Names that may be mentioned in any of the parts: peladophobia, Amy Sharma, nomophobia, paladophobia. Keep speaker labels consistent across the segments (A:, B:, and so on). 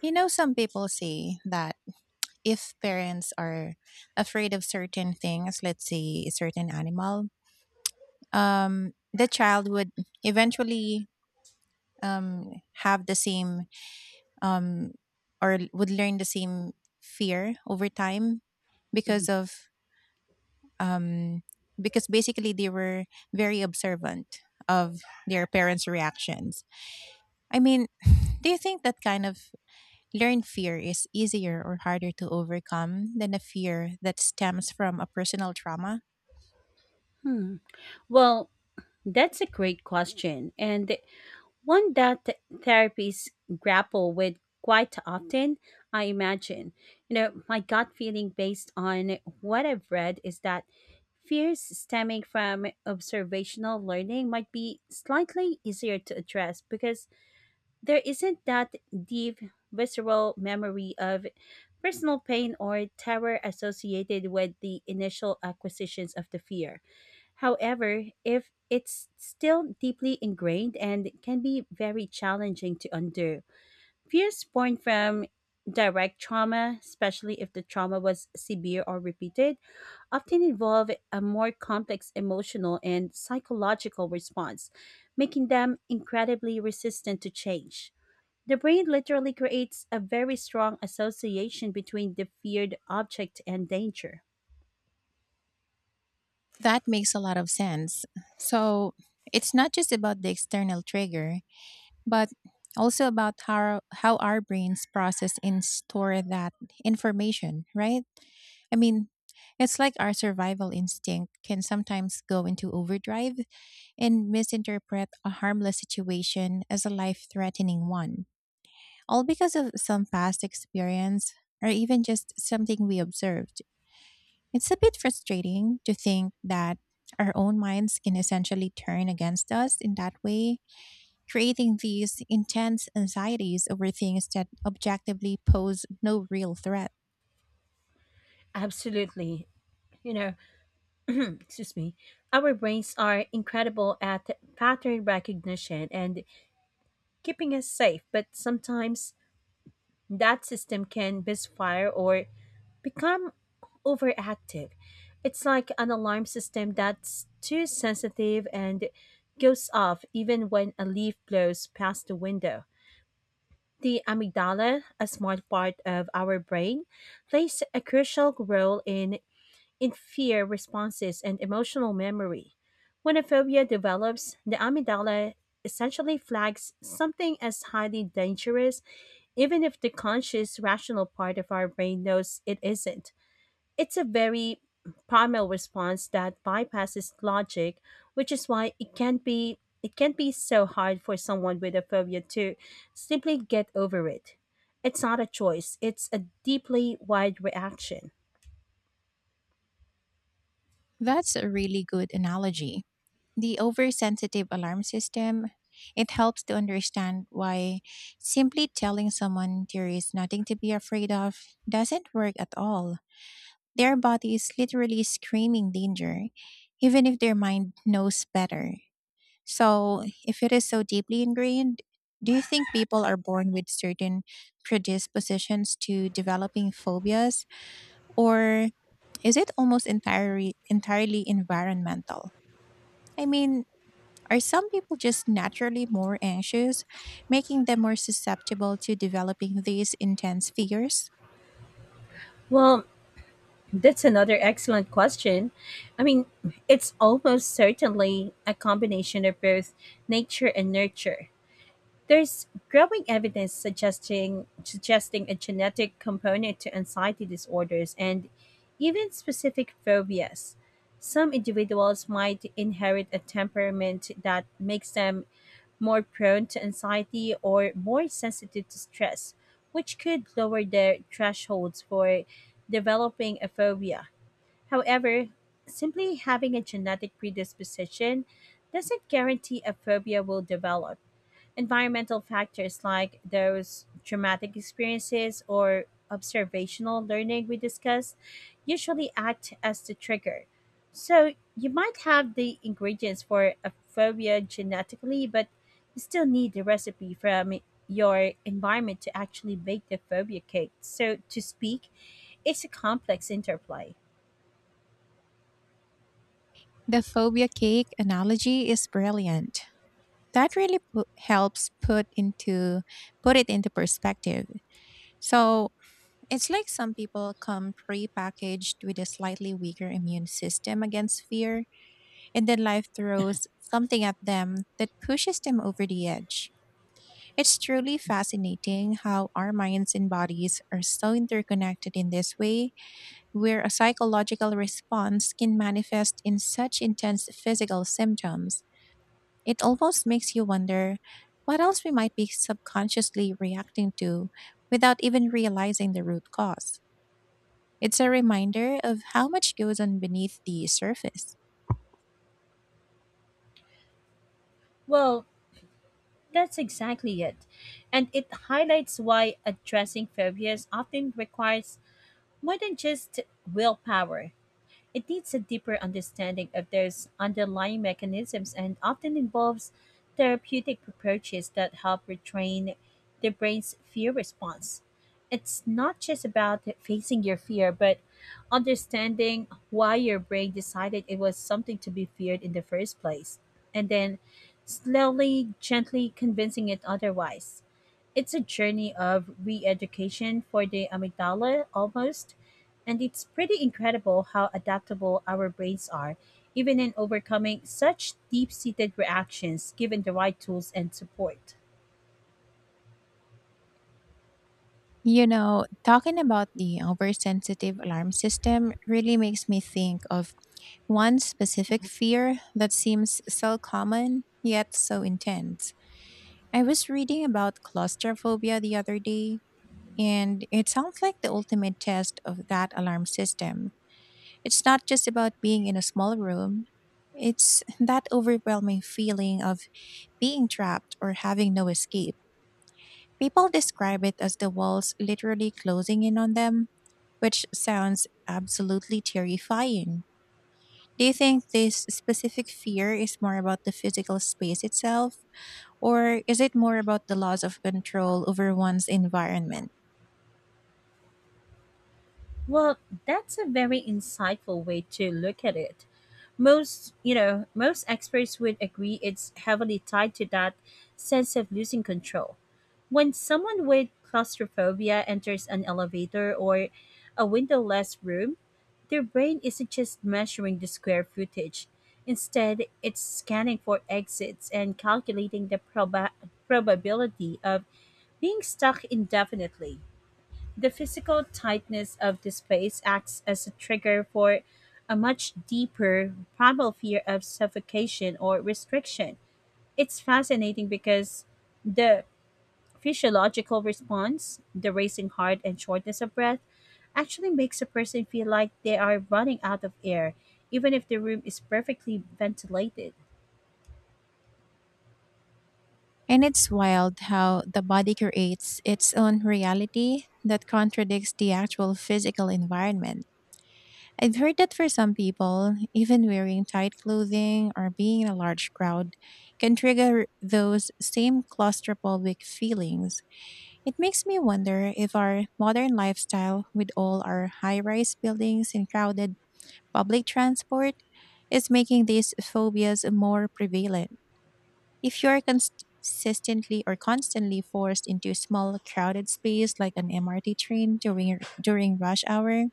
A: You know, some people say that if parents are afraid of certain things, let's say a certain animal, the child would eventually um, have the same um, or would learn the same fear over time because of um, because basically they were very observant of their parents' reactions. I mean, do you think that kind of learned fear is easier or harder to overcome than a fear that stems from a personal trauma?
B: Hmm. Well, that's a great question, and one that therapists grapple with quite often, I imagine. You know, my gut feeling based on what I've read is that fears stemming from observational learning might be slightly easier to address because there isn't that deep visceral memory of personal pain or terror associated with the initial acquisitions of the fear. However, if it's still deeply ingrained and can be very challenging to undo. Fears born from direct trauma, especially if the trauma was severe or repeated, often involve a more complex emotional and psychological response, making them incredibly resistant to change. The brain literally creates a very strong association between the feared object and danger.
A: That makes a lot of sense. So it's not just about the external trigger, but also about how our brains process and store that information, right? I mean, it's like our survival instinct can sometimes go into overdrive and misinterpret a harmless situation as a life threatening one. All because of some past experience or even just something we observed. It's a bit frustrating to think that our own minds can essentially turn against us in that way, creating these intense anxieties over things that objectively pose no real threat.
B: Absolutely. You know, excuse me, our brains are incredible at pattern recognition and keeping us safe, but sometimes that system can misfire or become overactive. It's like an alarm system that's too sensitive and goes off even when a leaf blows past the window. The amygdala, a smart part of our brain, plays a crucial role in fear responses and emotional memory. When a phobia develops, the amygdala essentially flags something as highly dangerous, even if the conscious, rational part of our brain knows it isn't. It's a very primal response that bypasses logic, which is why it can be so hard for someone with a phobia to simply get over it. It's not a choice, it's a deeply wired reaction.
A: That's a really good analogy. The oversensitive alarm system, it helps to understand why simply telling someone there is nothing to be afraid of doesn't work at all. Their body is literally screaming danger, even if their mind knows better. So, if it is so deeply ingrained, do you think people are born with certain predispositions to developing phobias, or is it almost entirely environmental? I mean, are some people just naturally more anxious, making them more susceptible to developing these intense fears?
B: Well, that's another excellent question. I mean, it's almost certainly a combination of both nature and nurture. There's growing evidence suggesting a genetic component to anxiety disorders and even specific phobias. Some individuals might inherit a temperament that makes them more prone to anxiety or more sensitive to stress, which could lower their thresholds for developing a phobia. However, simply having a genetic predisposition doesn't guarantee a phobia will develop. Environmental factors like those traumatic experiences or observational learning we discussed usually act as the trigger. So you might have the ingredients for a phobia genetically, but you still need the recipe from your environment to actually bake the phobia cake. So to speak, it's a complex interplay.
A: The phobia cake analogy is brilliant. That really helps put it into perspective. So it's like some people come pre-packaged with a slightly weaker immune system against fear, and then life throws something at them that pushes them over the edge. It's truly fascinating how our minds and bodies are so interconnected in this way, where a psychological response can manifest in such intense physical symptoms. It almost makes you wonder what else we might be subconsciously reacting to without even realizing the root cause. It's a reminder of how much goes on beneath the surface.
B: Well, that's exactly it. And it highlights why addressing phobias often requires more than just willpower. It needs a deeper understanding of those underlying mechanisms and often involves therapeutic approaches that help retrain the brain's fear response. It's not just about facing your fear, but understanding why your brain decided it was something to be feared in the first place, and then slowly, gently convincing it otherwise. It's a journey of re education for the amygdala almost, and it's pretty incredible how adaptable our brains are, even in overcoming such deep seated reactions given the right tools and support.
A: You know, talking about the oversensitive alarm system really makes me think of one specific fear that seems so common yet so intense. I was reading about claustrophobia the other day, and it sounds like the ultimate test of that alarm system. It's not just about being in a small room, it's that overwhelming feeling of being trapped or having no escape. People describe it as the walls literally closing in on them, which sounds absolutely terrifying. Do you think this specific fear is more about the physical space itself, or is it more about the loss of control over one's environment?
B: Well, that's a very insightful way to look at it. Most experts would agree it's heavily tied to that sense of losing control. When someone with claustrophobia enters an elevator or a windowless room, their brain isn't just measuring the square footage. Instead, it's scanning for exits and calculating the probability of being stuck indefinitely. The physical tightness of the space acts as a trigger for a much deeper primal fear of suffocation or restriction. It's fascinating because the physiological response, the racing heart and shortness of breath, actually makes a person feel like they are running out of air, even if the room is perfectly ventilated.
A: And it's wild how the body creates its own reality that contradicts the actual physical environment. I've heard that for some people, even wearing tight clothing or being in a large crowd can trigger those same claustrophobic feelings. It makes me wonder if our modern lifestyle, with all our high rise buildings and crowded public transport, is making these phobias more prevalent. If you're consistently or constantly forced into a small crowded space like an MRT train during rush hour,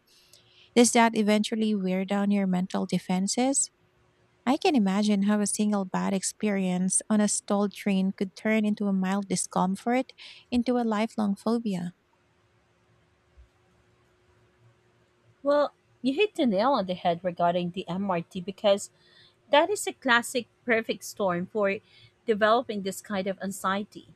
A: does that eventually wear down your mental defenses? I can imagine how a single bad experience on a stalled train could turn into a mild discomfort into a lifelong phobia.
B: Well, you hit the nail on the head regarding the MRT. Because That is a classic perfect storm for developing this kind of anxiety.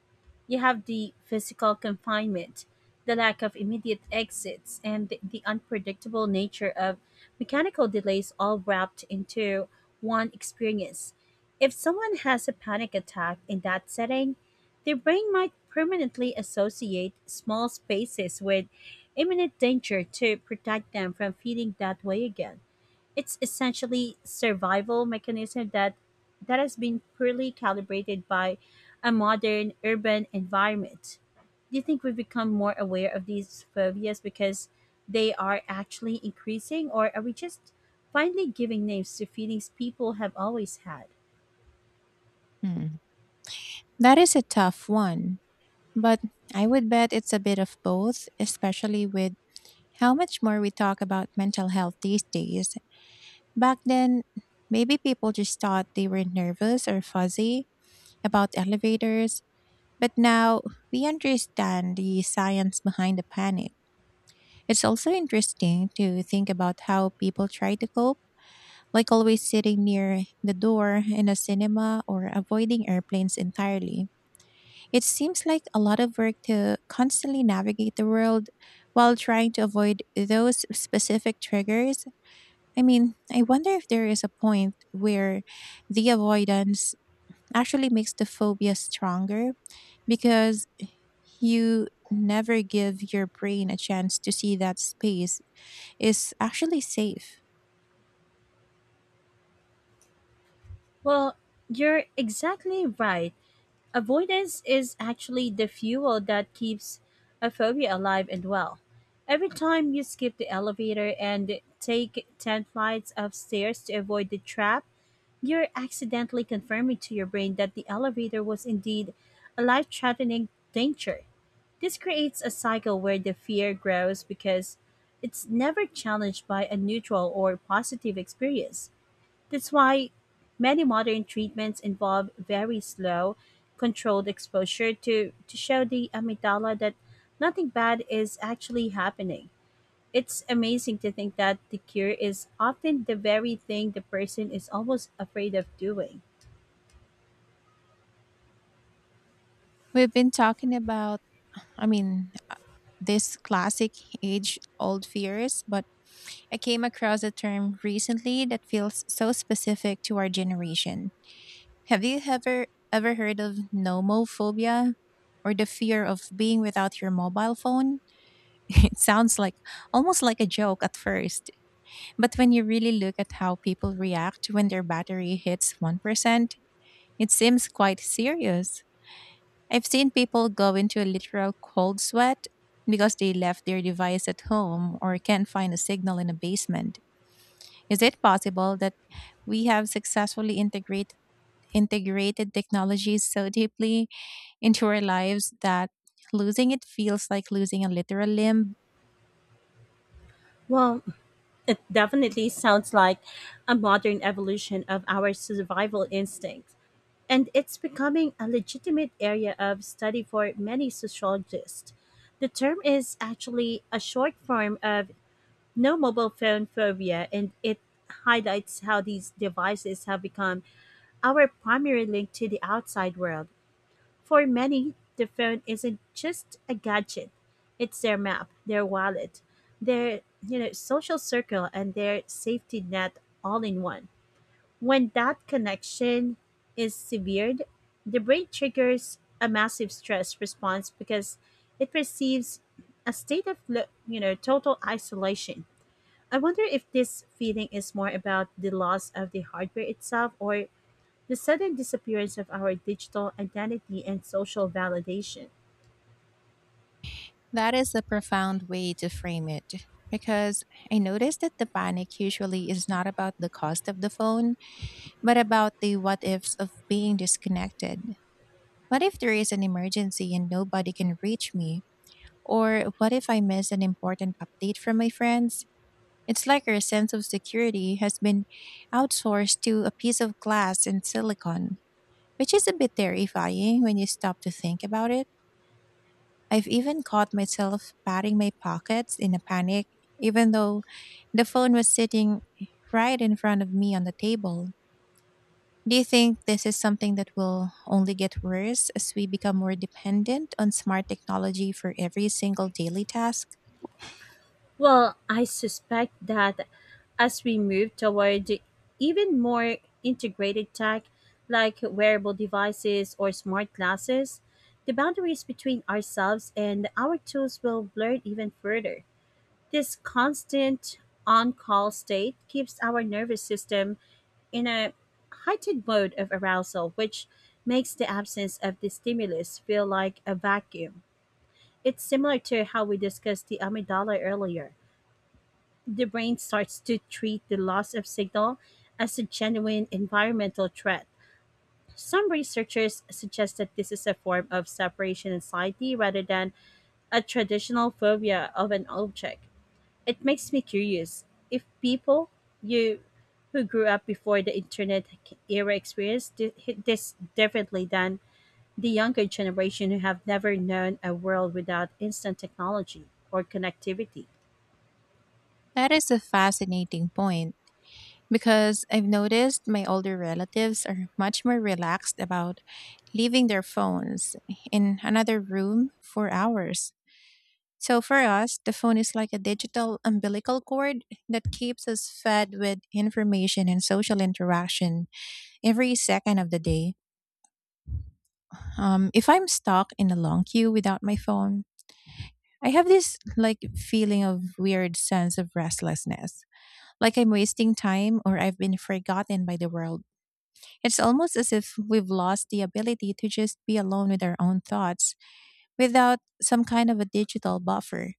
B: You have the physical confinement, the lack of immediate exits, and the unpredictable nature of mechanical delays all wrapped into one experience. If someone has a panic attack in that setting, their brain might permanently associate small spaces with imminent danger to protect them from feeling that way again. It's essentially survival mechanism that has been poorly calibrated by a modern urban environment. Do you think we've become more aware of these phobias because they are actually increasing, or are we just finally giving names to feelings people have always had?
A: Hmm. That is a tough one, but I would bet it's a bit of both, especially with how much more we talk about mental health these days. Back then, maybe people just thought they were nervous or fuzzy about elevators, but now we understand the science behind the panic. It's also interesting to think about how people try to cope, like always sitting near the door in a cinema or avoiding airplanes entirely. It seems like a lot of work to constantly navigate the world while trying to avoid those specific triggers. I mean, I wonder if there is a point where the avoidance actually makes the phobia stronger because you never give your brain a chance to see that space is actually safe.
B: Well, you're exactly right. Avoidance is actually the fuel that keeps a phobia alive and well. Every time you skip the elevator and take 10 flights of stairs to avoid the trap, you're accidentally confirming to your brain that the elevator was indeed a life threatening danger. This creates a cycle where the fear grows because it's never challenged by a neutral or positive experience. That's why many modern treatments involve very slow, controlled exposure to show the amygdala that nothing bad is actually happening. It's amazing to think that the cure is often the very thing the person is almost afraid of doing.
A: We've been talking about, I mean, this classic age old fears, but I came across a term recently that feels so specific to our generation. Have you ever heard of nomophobia or the fear of being without your mobile phone? It sounds like almost like a joke at first, but when you really look at how people react when their battery hits 1%, it seems quite serious. I've seen people go into a literal cold sweat because they left their device at home or can't find a signal in a basement. Is it possible that we have integrated technologies so deeply into our lives that losing it feels like losing a literal limb.
B: Well, it definitely sounds like a modern evolution of our survival instincts, and it's becoming a legitimate area of study for many sociologists. The term is actually a short form of no mobile phone phobia, and it highlights how these devices have become our primary link to the outside world. For many, the phone isn't just a gadget. It's their map, their wallet, their, you know, social circle and their safety net all in one. When that connection is severed, the brain triggers a massive stress response because it perceives a state of total isolation. I wonder if this feeling is more about the loss of the hardware itself or the sudden disappearance of our digital identity and social validation.
A: That is a profound way to frame it because I noticed that the panic usually is not about the cost of the phone, but about the what ifs of being disconnected. What if there is an emergency and nobody can reach me? Or what if I miss an important update from my friends? It's like our sense of security has been outsourced to a piece of glass and silicon. Which is a bit terrifying when you stop to think about it. I've even caught myself patting my pockets in a panic, even though the phone was sitting right in front of me on the table. Do you think this is something that will only get worse as we become more dependent on smart technology for every single daily task?
B: Well, I suspect that as we move toward even more integrated tech, like wearable devices or smart glasses, the boundaries between ourselves and our tools will blur even further. This constant on call state keeps our nervous system in a heightened mode of arousal, which makes the absence of the stimulus feel like a vacuum. It's similar to how we discussed the amygdala earlier. The brain starts to treat the loss of signal as a genuine environmental threat. Some researchers suggest that this is a form of separation anxiety rather than a traditional phobia of an object. It makes me curious if people you who grew up before the internet era experience this differently than the younger generation who have never known a world without instant technology or connectivity.
A: That is a fascinating point. Because I've noticed my older relatives are much more relaxed about leaving their phones in another room for hours. So for us, the phone is like a digital umbilical cord that keeps us fed with information and social interaction every second of the day. If I'm stuck in a long queue without my phone, I have this like feeling of weird sense of restlessness, like I'm wasting time or I've been forgotten by the world. It's almost as if we've lost the ability to just be alone with our own thoughts without some kind of a digital buffer.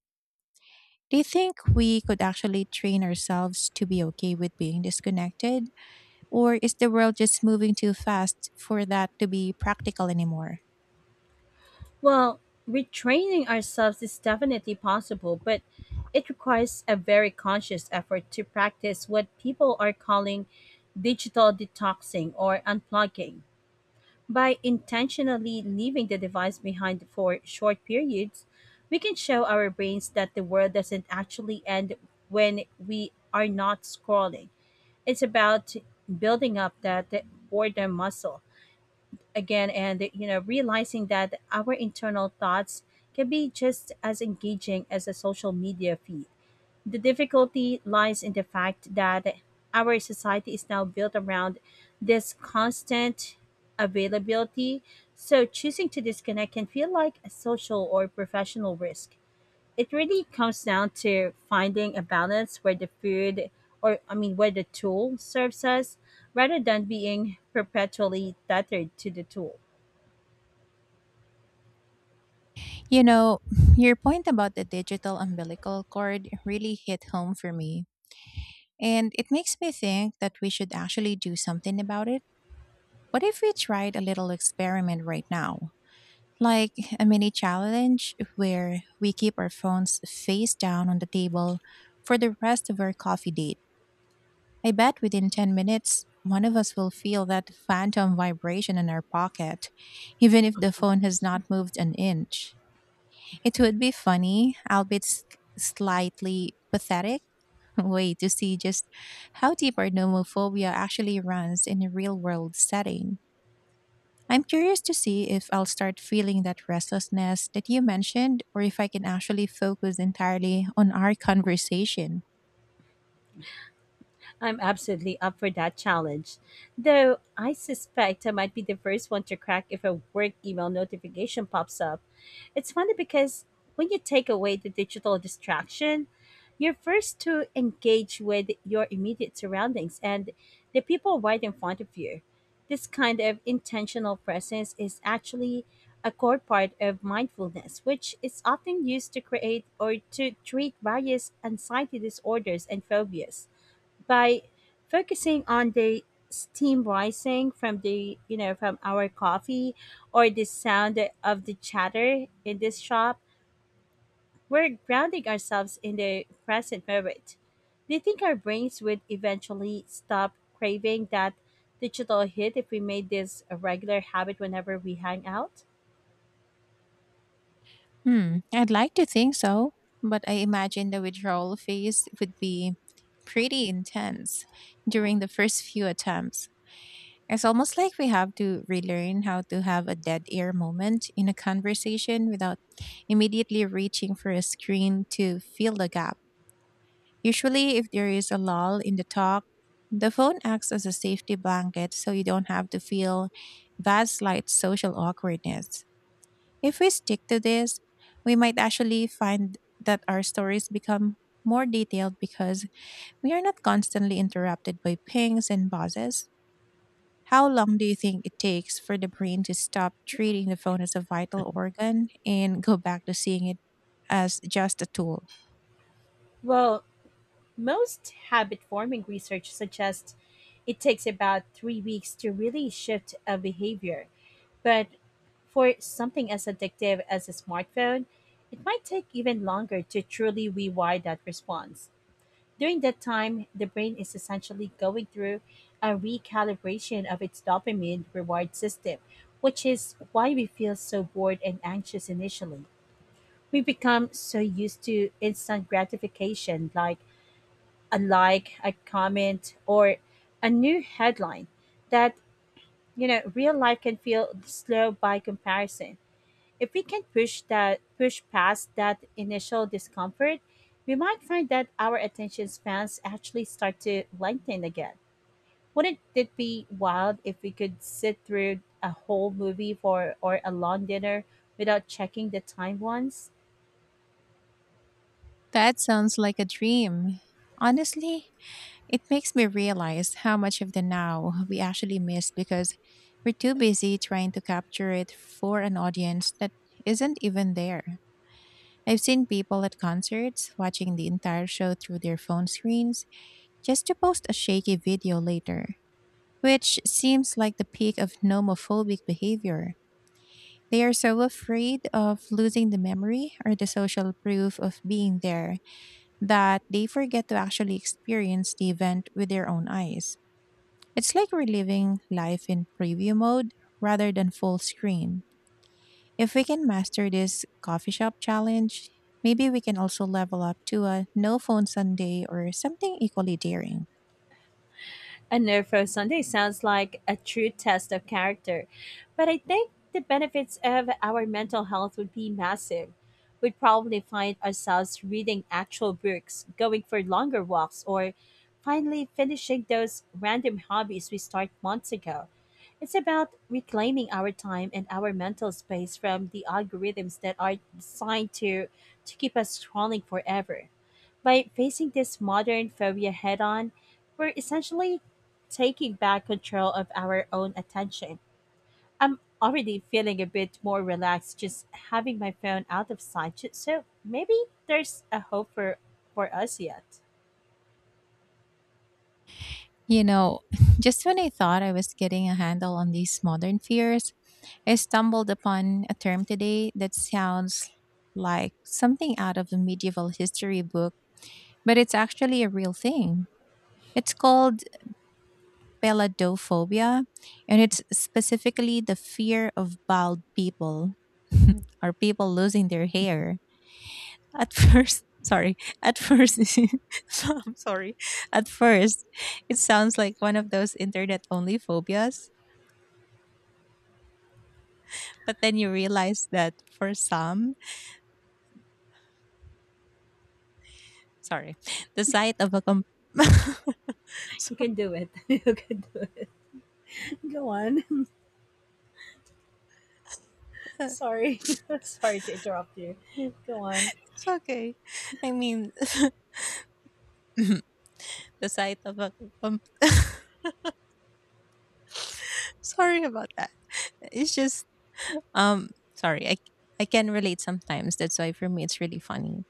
A: Do you think we could actually train ourselves to be okay with being disconnected? Or is the world just moving too fast for that to be practical anymore?
B: Well, retraining ourselves is definitely possible, but it requires a very conscious effort to practice what people are calling digital detoxing or unplugging. By intentionally leaving the device behind for short periods, we can show our brains that the world doesn't actually end when we are not scrolling. It's about building up that boredom muscle again and, you know, realizing that our internal thoughts can be just as engaging as a social media feed. The difficulty lies in the fact that our society is now built around this constant availability, so choosing to disconnect can feel like a social or professional risk. It really comes down to finding a balance where the food or I mean where the tool serves us rather than being perpetually tethered to the tool.
A: You know, your point about the digital umbilical cord really hit home for me. And it makes me think that we should actually do something about it. What if we tried a little experiment right now, like a mini challenge where we keep our phones face down on the table for the rest of our coffee date. I bet within 10 minutes, one of us will feel that phantom vibration in our pocket, even if the phone has not moved an inch. It would be funny, albeit slightly pathetic, way to see just how deep our nomophobia actually runs in a real world setting. I'm curious to see if I'll start feeling that restlessness that you mentioned or if I can actually focus entirely on our conversation.
B: I'm absolutely up for that challenge. Though I suspect I might be the first one to crack if a work email notification pops up. It's funny because when you take away the digital distraction, you're first to engage with your immediate surroundings and the people right in front of you. This kind of intentional presence is actually a core part of mindfulness, which is often used to create or to treat various anxiety disorders and phobias by focusing on the steam rising from the, you know, from our coffee or the sound of the chatter in this shop, we're grounding ourselves in the present moment. Do you think our brains would eventually stop craving that digital hit if we made this a regular habit whenever we hang out?
A: Hmm, I'd like to think so, but I imagine the withdrawal phase would be pretty intense during the first few attempts. It's almost like we have to relearn how to have a dead air moment in a conversation without immediately reaching for a screen to fill the gap. Usually, if there is a lull in the talk, the phone acts as a safety blanket so you don't have to feel that slight social awkwardness. If we stick to this, we might actually find that our stories become more detailed because we are not constantly interrupted by pings and buzzes. How long do you think it takes for the brain to stop treating the phone as a vital organ and go back to seeing it as just a tool?
B: Well, most habit forming research suggests it takes about 3 weeks to really shift a behavior, but for something as addictive as a smartphone, it might take even longer to truly rewire that response. During that time, the brain is essentially going through a recalibration of its dopamine reward system, which is why we feel so bored and anxious initially. We become so used to instant gratification, like, a comment, or a new headline, that, you know, real life can feel slow by comparison. If we can push past that initial discomfort, we might find that our attention spans actually start to lengthen again. Wouldn't it be wild if we could sit through a whole movie for or a long dinner without checking the time once?
A: That sounds like a dream. Honestly, it makes me realize how much of the now we actually miss because we're too busy trying to capture it for an audience that isn't even there. I've seen people at concerts watching the entire show through their phone screens just to post a shaky video later, which seems like the peak of nomophobic behavior. They are so afraid of losing the memory or the social proof of being there that they forget to actually experience the event with their own eyes. It's like we're living life in preview mode rather than full screen. If we can master this coffee shop challenge, maybe we can also level up to a no phone Sunday or something equally daring.
B: A nerve Sunday sounds like a true test of character, but I think the benefits of our mental health would be massive. We'd probably find ourselves reading actual books, going for longer walks, or finally finishing those random hobbies we started months ago. It's about reclaiming our time and our mental space from the algorithms that are designed to keep us scrolling forever. By facing this modern phobia head on, we're essentially taking back control of our own attention. I'm already feeling a bit more relaxed just having my phone out of sight, so maybe there's a hope for us yet.
A: You know, just when I thought I was getting a handle on these modern fears, I stumbled upon a term today that sounds like something out of a medieval history book, but it's actually a real thing. It's called peladophobia, and it's specifically the fear of bald people or people losing their hair. Sorry, at first, I'm sorry, at first, it sounds like one of those internet only phobias, but then you realize that for some, sorry, the sight of a
B: You
A: sorry,
B: can do it. You can do it. Go on.
A: uh,
B: Sorry. Sorry to interrupt you. Go on.
A: it's okay. I mean, the sight of a com- sorry about that. It's just um sorry I can relate sometimes, that's why for me it's really funny,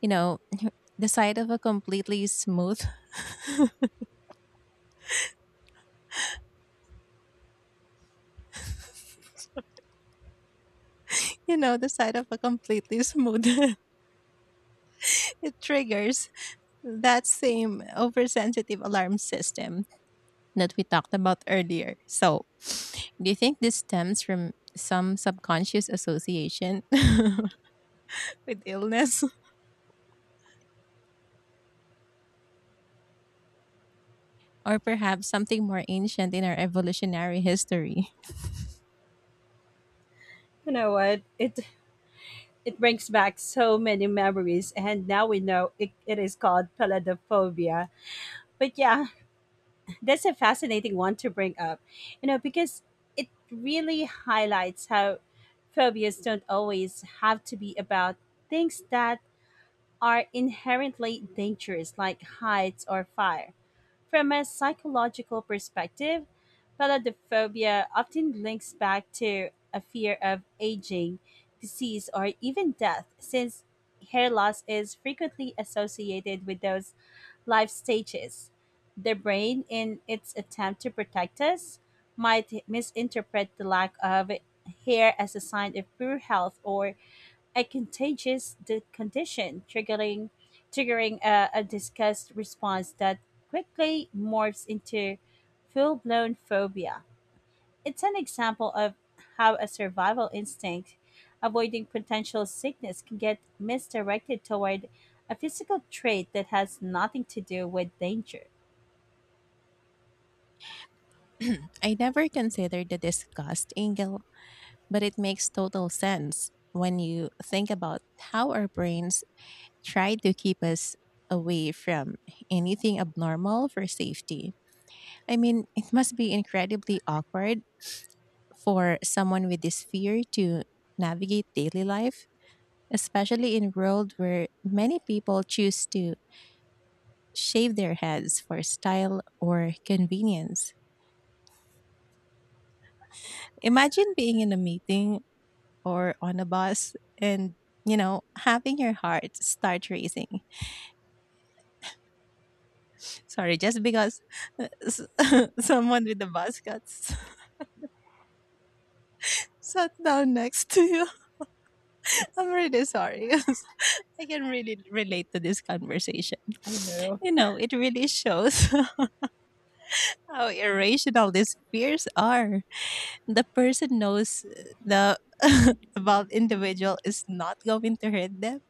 A: you know. the sight of a completely smooth the sight of a completely smooth it triggers that same oversensitive alarm system that we talked about earlier. So do you think this stems from some subconscious association with illness, or perhaps something more ancient in our evolutionary history?
B: You know what? It brings back so many memories, and now we know it, it is called paladophobia. But yeah, that's a fascinating one to bring up, you know, because it really highlights how phobias don't always have to be about things that are inherently dangerous, like heights or fire. From a psychological perspective, paladophobia often links back to a fear of aging, disease, or even death, since hair loss is frequently associated with those life stages. The brain, in its attempt to protect us, might misinterpret the lack of hair as a sign of poor health or a contagious condition, triggering a disgust response that quickly morphs into full blown phobia. It's an example of how a survival instinct, avoiding potential sickness, can get misdirected toward a physical trait that has nothing to do with danger.
A: I never considered the disgust angle. But it makes total sense when you think about how our brains try to keep us away from anything abnormal for safety. I mean, it must be incredibly awkward for someone with this fear to navigate daily life, especially in a world where many people choose to shave their heads for style or convenience. Imagine being in a meeting or on a bus and, you know, having your heart start racing. Sorry, just because uh, s- someone with a bus sat down next to you. I'm really sorry. I can really relate to this conversation.
B: I know.
A: You know, it really shows how irrational these fears are. The person knows the about individual is not going to hurt them,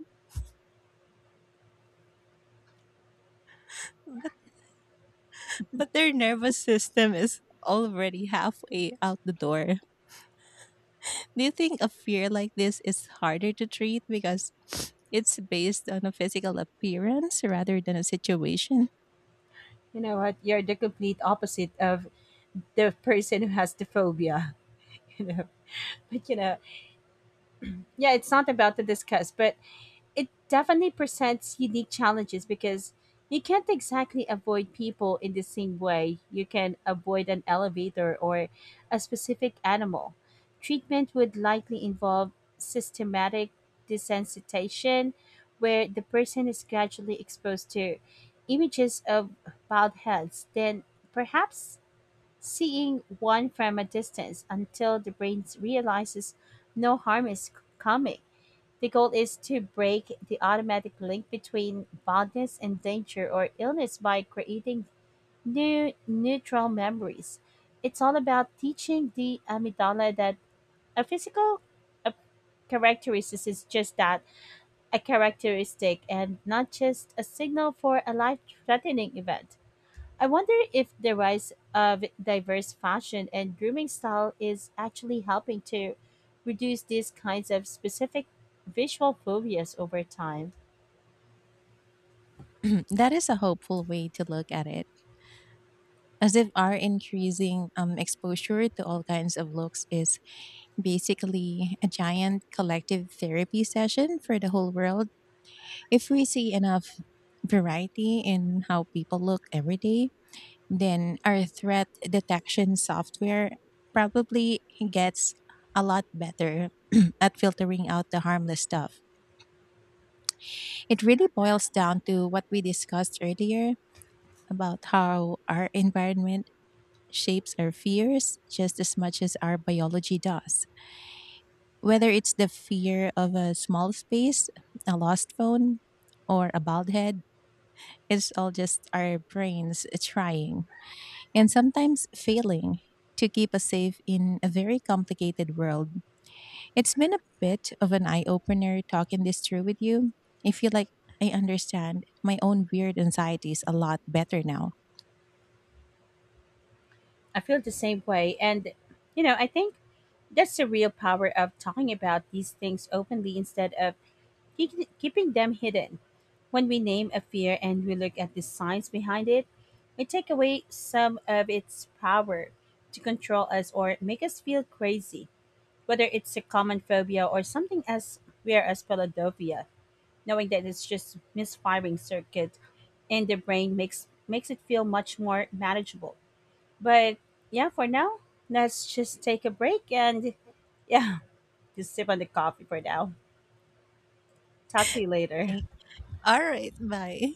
A: but their nervous system is already halfway out the door. Do you think a fear like this is harder to treat because it's based on a physical appearance rather than a situation?
B: You know what? You're the complete opposite of the person who has the phobia. You know, but you know, yeah, it's not about to discuss, but it definitely presents unique challenges because you can't exactly avoid people in the same way you can avoid an elevator or a specific animal. Treatment would likely involve systematic desensitization, where the person is gradually exposed to images of bald heads, then perhaps seeing one from a distance until the brain realizes no harm is coming. The goal is to break the automatic link between fondness and danger or illness by creating new neutral memories. It's all about teaching the amygdala that a physical a characteristic is just that, a characteristic and not just a signal for a life threatening event. I wonder if the rise of diverse fashion and grooming style is actually helping to reduce these kinds of specific visual phobias over time.
A: That is a hopeful way to look at it, as if our increasing exposure to all kinds of looks is basically a giant collective therapy session for the whole world. If we see enough variety in how people look every day, then our threat detection software probably gets a lot better at filtering out the harmless stuff. It really boils down to what we discussed earlier about how our environment shapes our fears just as much as our biology does. Whether it's the fear of a small space, a lost phone, or a bald head, it's all just our brains trying and sometimes failing to keep us safe in a very complicated world. It's been a bit of an eye opener talking this through with you. I feel like I understand my own weird anxieties a lot better now.
B: I feel the same way. And, you know, I think that's the real power of talking about these things openly instead of keeping them hidden. When we name a fear and we look at the science behind it, we take away some of its power to control us or make us feel crazy. Whether it's a common phobia or something as rare as Philadelphia, knowing that it's just misfiring circuit in the brain makes it feel much more manageable. But yeah, for now, let's just take a break and yeah, just sip on the coffee for now. Talk to you later.
A: Like, all right, bye.